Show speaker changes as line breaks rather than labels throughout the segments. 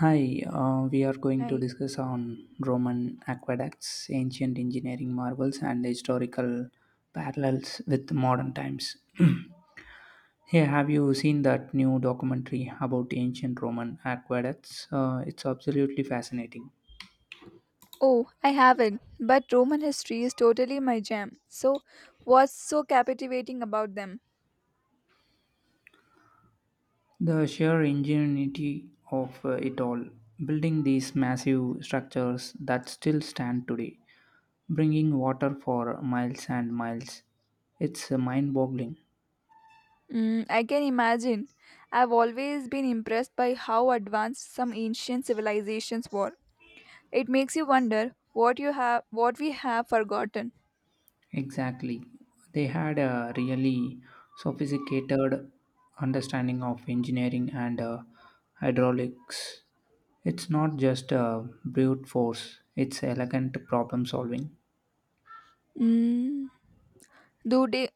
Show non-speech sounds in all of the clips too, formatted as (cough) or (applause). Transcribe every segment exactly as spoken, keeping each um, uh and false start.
Hi, uh, we are going to
I
discuss on Roman aqueducts, ancient engineering marvels, and historical parallels with modern times. (clears throat) Hey, have you seen that new documentary about ancient Roman aqueducts? Uh, it's absolutely fascinating.
oh, I haven't, but Roman history is totally my jam. So, what's so captivating about them?
The sheer ingenuity of uh, it all, building these massive structures that still stand today, bringing water for miles and miles. It's mind boggling.
Mm, I can imagine. I've always been impressed by how advanced some ancient civilizations were. It makes you wonder what you have, what we have forgotten.
Exactly. They had a really sophisticated understanding of engineering and uh, hydraulics. It's not just uh, brute force, it's elegant problem solving.
Mm, do they?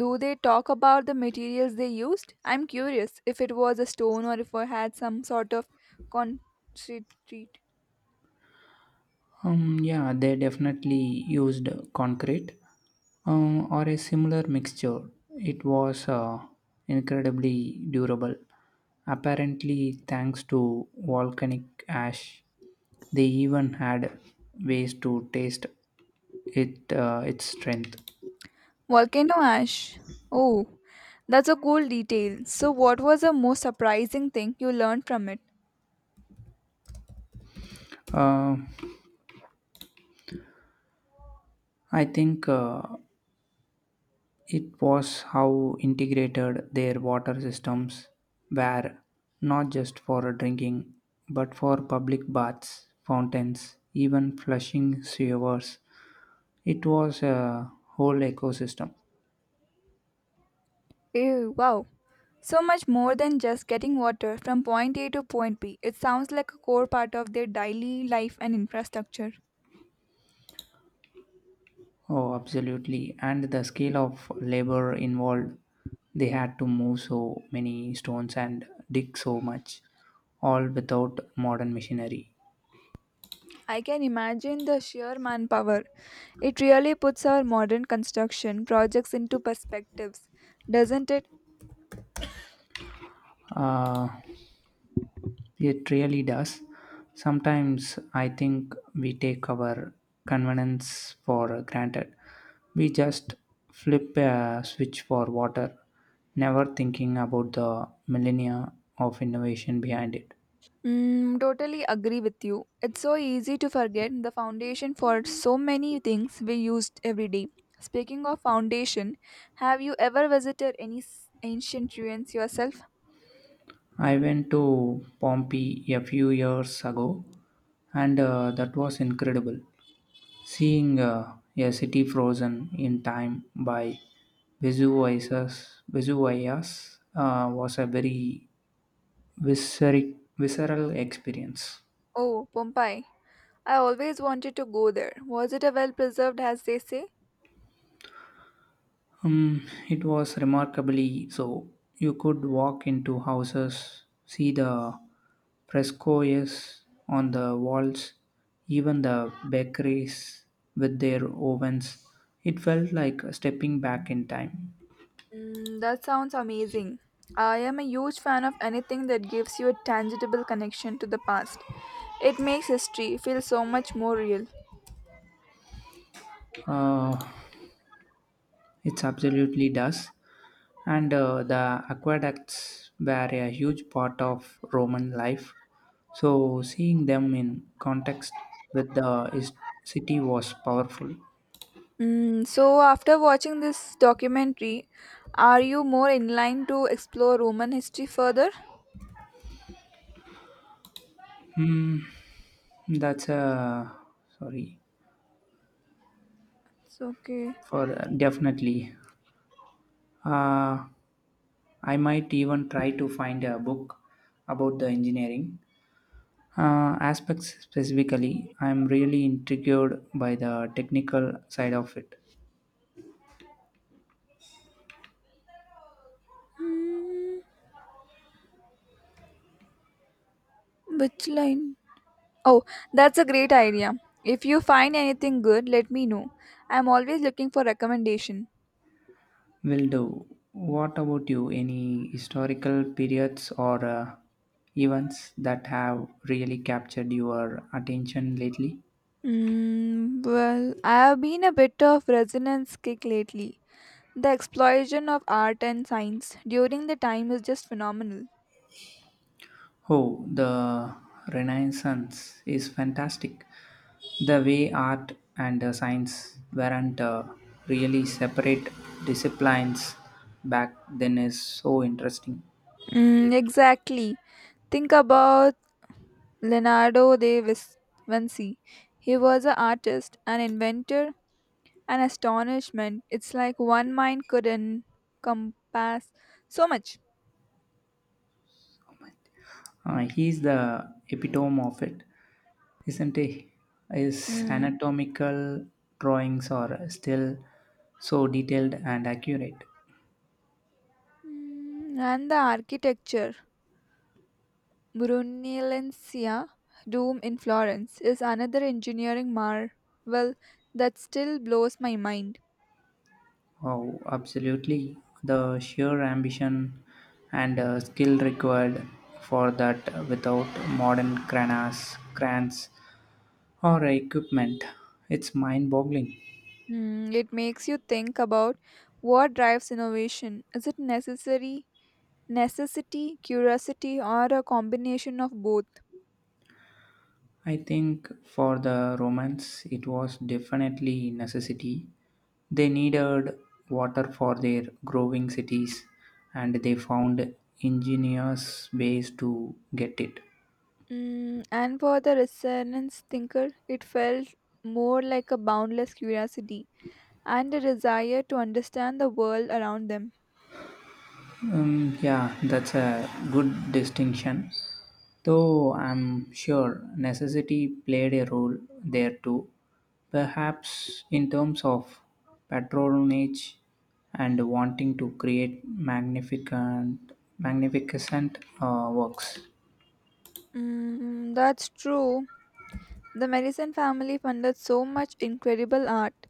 Do they talk about the materials they used? I'm curious if it was a stone or if it had some sort of concrete.
Um, yeah, they definitely used concrete um, or a similar mixture. It was uh, incredibly durable, apparently, thanks to volcanic ash. They even had ways to taste it uh, its strength.
Volcano ash. Oh, that's a cool detail. So, what was the most surprising thing you learned from it?
Uh, I think uh, It was how integrated their water systems were, not just for drinking, but for public baths, fountains, even flushing sewers. It was a whole ecosystem.
Ew, wow. So much more than just getting water from point A to point B. It sounds like a core part of their daily life and infrastructure.
Oh, absolutely. And the scale of labor involved, they had to move so many stones and dig so much, all without modern machinery.
I can imagine the sheer manpower. It really puts our modern construction projects into perspectives, doesn't it?
Uh, It really does. Sometimes I think we take our convenience for granted. We just flip a switch for water, never thinking about the millennia of innovation behind it.
Mm, totally agree with you. It's so easy to forget the foundation for so many things we used every day. Speaking of foundation, have you ever visited any s- ancient ruins yourself?
I went to Pompeii a few years ago, and uh, that was incredible. Seeing uh, a city frozen in time by Vesuvius, Vesuvius uh, was a very visceric, visceral experience.
Oh, Pompeii. I always wanted to go there. Was it a well preserved as they say?
Um, it was remarkably so. You could walk into houses, see the frescoes on the walls, even the bakeries with their ovens. It felt like stepping back in time.
Mm, that sounds amazing. I am a huge fan of anything that gives you a tangible connection to the past. It makes history feel so much more real.
Uh, It's absolutely does. And uh, the aqueducts were a huge part of Roman life. So seeing them in context with the is- city was powerful.
Mm, so, after watching this documentary, are you more inclined to explore Roman history further?
That's a sorry
It's okay.
for uh, Definitely. Uh, I might even try to find a book about the engineering uh, aspects specifically. I'm really intrigued by the technical side of it.
Hmm, which line? Oh, that's a great idea. If you find anything good, let me know. I'm always looking for recommendation.
Will do, what about you? Any historical periods or uh, events that have really captured your attention lately?
Mm, well, I have been a bit of resonance kick lately. The explosion of art and science during the time is just phenomenal.
Oh, the Renaissance is fantastic. The way art and uh, science weren't uh, really separate disciplines back then is so interesting.
Mm, exactly. Think about Leonardo da Vis- Vinci. He was an artist, an inventor, an astonishment. It's like one mind could encompass so much.
Uh, he's the epitome of it, isn't he? His
Hmm.
anatomical drawings are still so detailed and accurate.
Mm, And the architecture. Brunelleschi Dome in Florence is another engineering marvel that still blows my mind.
Oh, absolutely. The sheer ambition and uh, skill required for that without modern cranas, crans, or equipment. It's mind boggling.
Hmm, it makes you think about what drives innovation. Is it necessary necessity, curiosity, or a combination of both.
I think for the Romans it was definitely necessity. They needed water for their growing cities and they found ingenious ways to get it.
Mm, and for the resonance thinker, it felt more like a boundless curiosity and a desire to understand the world around them.
Um, yeah, that's a good distinction. Though I'm sure necessity played a role there too, perhaps in terms of patronage and wanting to create magnificent, magnificent uh, works.
Mm, that's true. The Medicine family funded so much incredible art.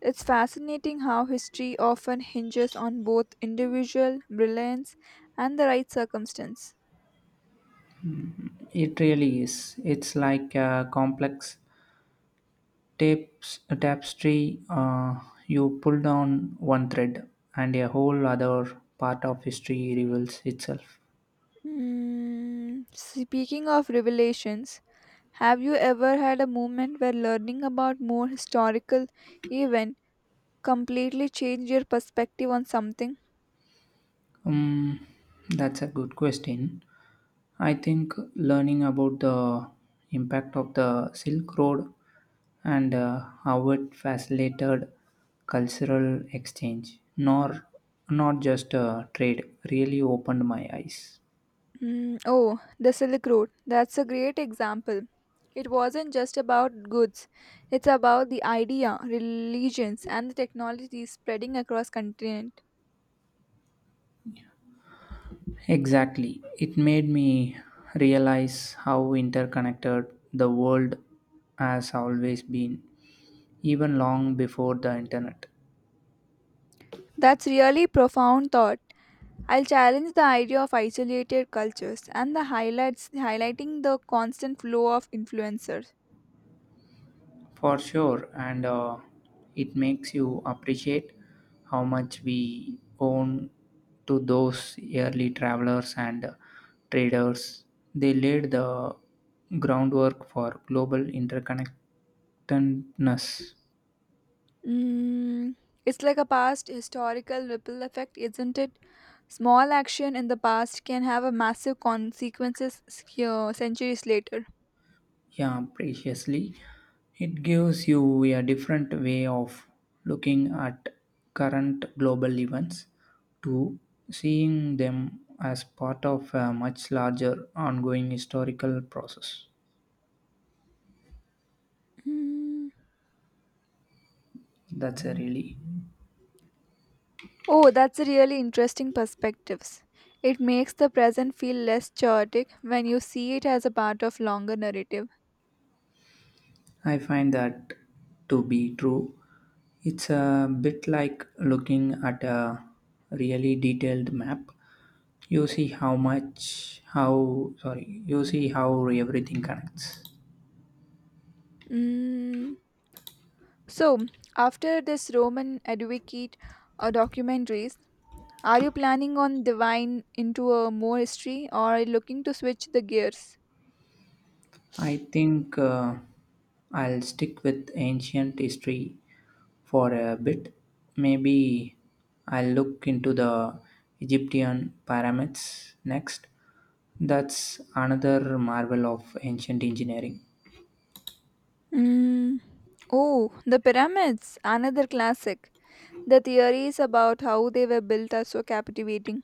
It's fascinating how history often hinges on both individual brilliance and the right circumstance.
It really is. It's like a complex tapes, a tapestry. Uh, you pull down one thread, and a whole other part of history reveals itself.
Mm, speaking of revelations, have you ever had a moment where learning about more historical event completely changed your perspective on something?
Um, that's a good question. I think learning about the impact of the Silk Road and uh, how it facilitated cultural exchange, nor not just uh, trade, really opened my eyes.
Mm, oh, the Silk Road. That's a great example. It wasn't just about goods. It's about the idea, religions, and the technology spreading across continent.
Exactly, it made me realize how interconnected the world has always been, even long before the internet.
That's really profound thought. I'll challenge the idea of isolated cultures and the highlights highlighting the constant flow of influencers.
For sure, and uh, it makes you appreciate how much we own to those early travelers and traders. They laid the groundwork for global interconnectedness.
Mm, it's like a past historical ripple effect, isn't it? Small action in the past can have a massive consequences s- here centuries later.
Yeah, preciously, it gives you a different way of looking at current global events, to seeing them as part of a much larger ongoing historical process.
Mm.
That's a really
Oh, that's a really interesting perspectives. It makes the present feel less chaotic when you see it as a part of longer narrative.
I find that to be true. It's a bit like looking at a really detailed map. You see how much how sorry you see how everything connects.
Mm. So, after this Roman advocate uh, documentaries, are you planning on divine into a more history or looking to switch the gears?
I think uh, I'll stick with ancient history for a bit. Maybe I'll look into the Egyptian pyramids next. That's another marvel of ancient engineering.
Mm. Oh, the pyramids, another classic. The theories about how they were built are so captivating.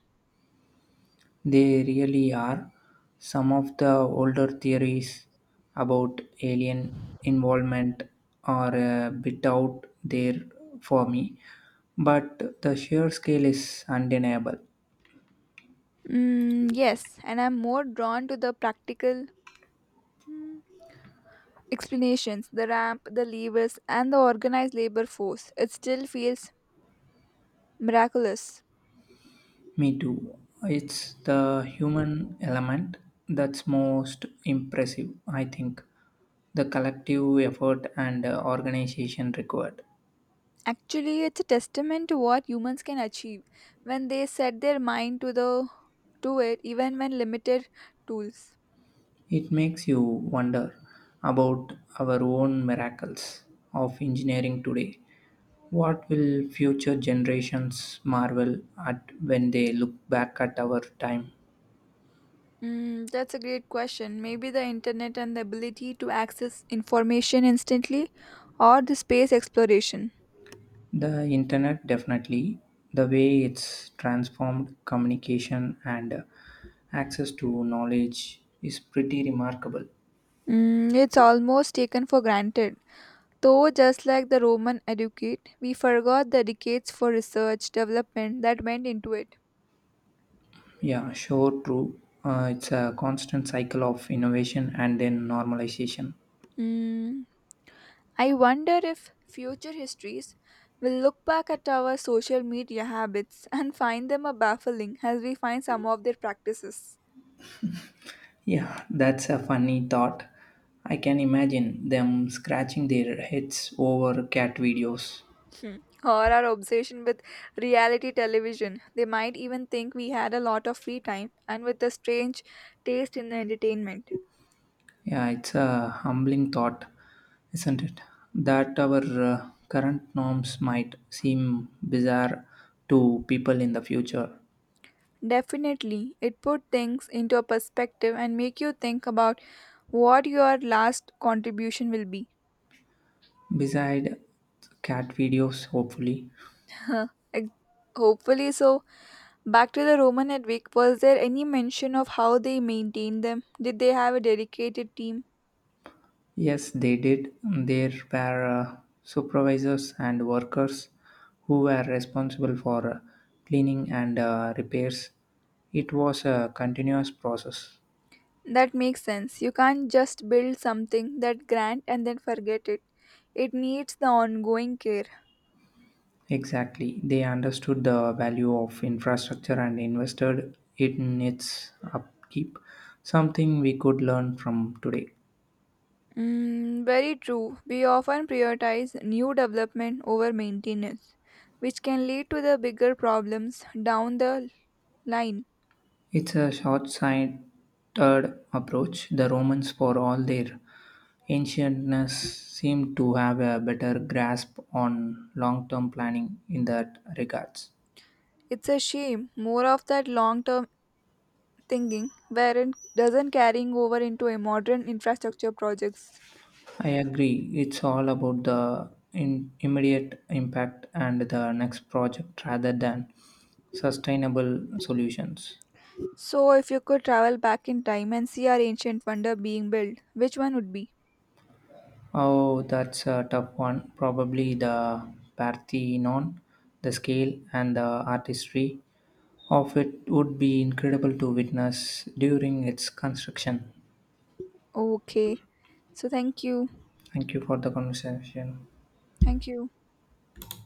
They really are. Some of the older theories about alien involvement are a bit out there for me, but the sheer scale is undeniable.
Mm, yes, and I'm more drawn to the practical mm, explanations the ramp, the levers, and the organized labor force. It still feels miraculous.
Me too. It's the human element that's most impressive, I think. The collective effort and uh, organization required.
Actually, it's a testament to what humans can achieve when they set their mind to the to it even when limited tools.
It makes you wonder about our own miracles of engineering today. What will future generations marvel at when they look back at our time?
Mm, that's a great question. Maybe the internet and the ability to access information instantly, or the space exploration.
The internet definitely, the way it's transformed communication and uh, access to knowledge is pretty remarkable.
Mm, it's almost taken for granted. Though, just like the Roman educate, we forgot the decades for research development that went into it.
Yeah, sure, true. Uh, it's a constant cycle of innovation and then normalization.
Mm, I wonder if future histories will look back at our social media habits and find them a baffling as we find some of their practices.
Yeah, that's a funny thought. I can imagine them scratching their heads over cat videos.
Hmm. Or our obsession with reality television. They might even think we had a lot of free time and with a strange taste in entertainment.
Yeah, it's a humbling thought, isn't it? That our uh, current norms might seem bizarre to people in the future.
Definitely, it put things into a perspective and make you think about what your last contribution will be.
Beside cat videos, hopefully.
Ex- Hopefully so. Back to the Roman Edwick, was there any mention of how they maintained them? Did they have a dedicated team?
Yes, they did. There were uh, supervisors and workers who were responsible for uh, cleaning and uh, repairs. It was a continuous process.
That makes sense. You can't just build something that grand and then forget it. It needs the ongoing care.
Exactly. They understood the value of infrastructure and invested in its upkeep, something we could learn from today.
Mm, very true. We often prioritize new development over maintenance, which can lead to the bigger problems down the line.
It's a short sighted approach. The Romans, for all their ancientness, seem to have a better grasp on long term planning in that regards.
It's a shame more of that long term thinking wherein doesn't carrying over into a modern infrastructure projects.
I agree. It's all about the in immediate impact and the next project rather than sustainable solutions.
So if you could travel back in time and see our ancient wonder being built, which one would be?
Oh, that's a tough one. Probably the Parthenon, the scale and the artistry of it would be incredible to witness during its construction.
Okay. So thank you.
Thank you for the conversation.
Thank you.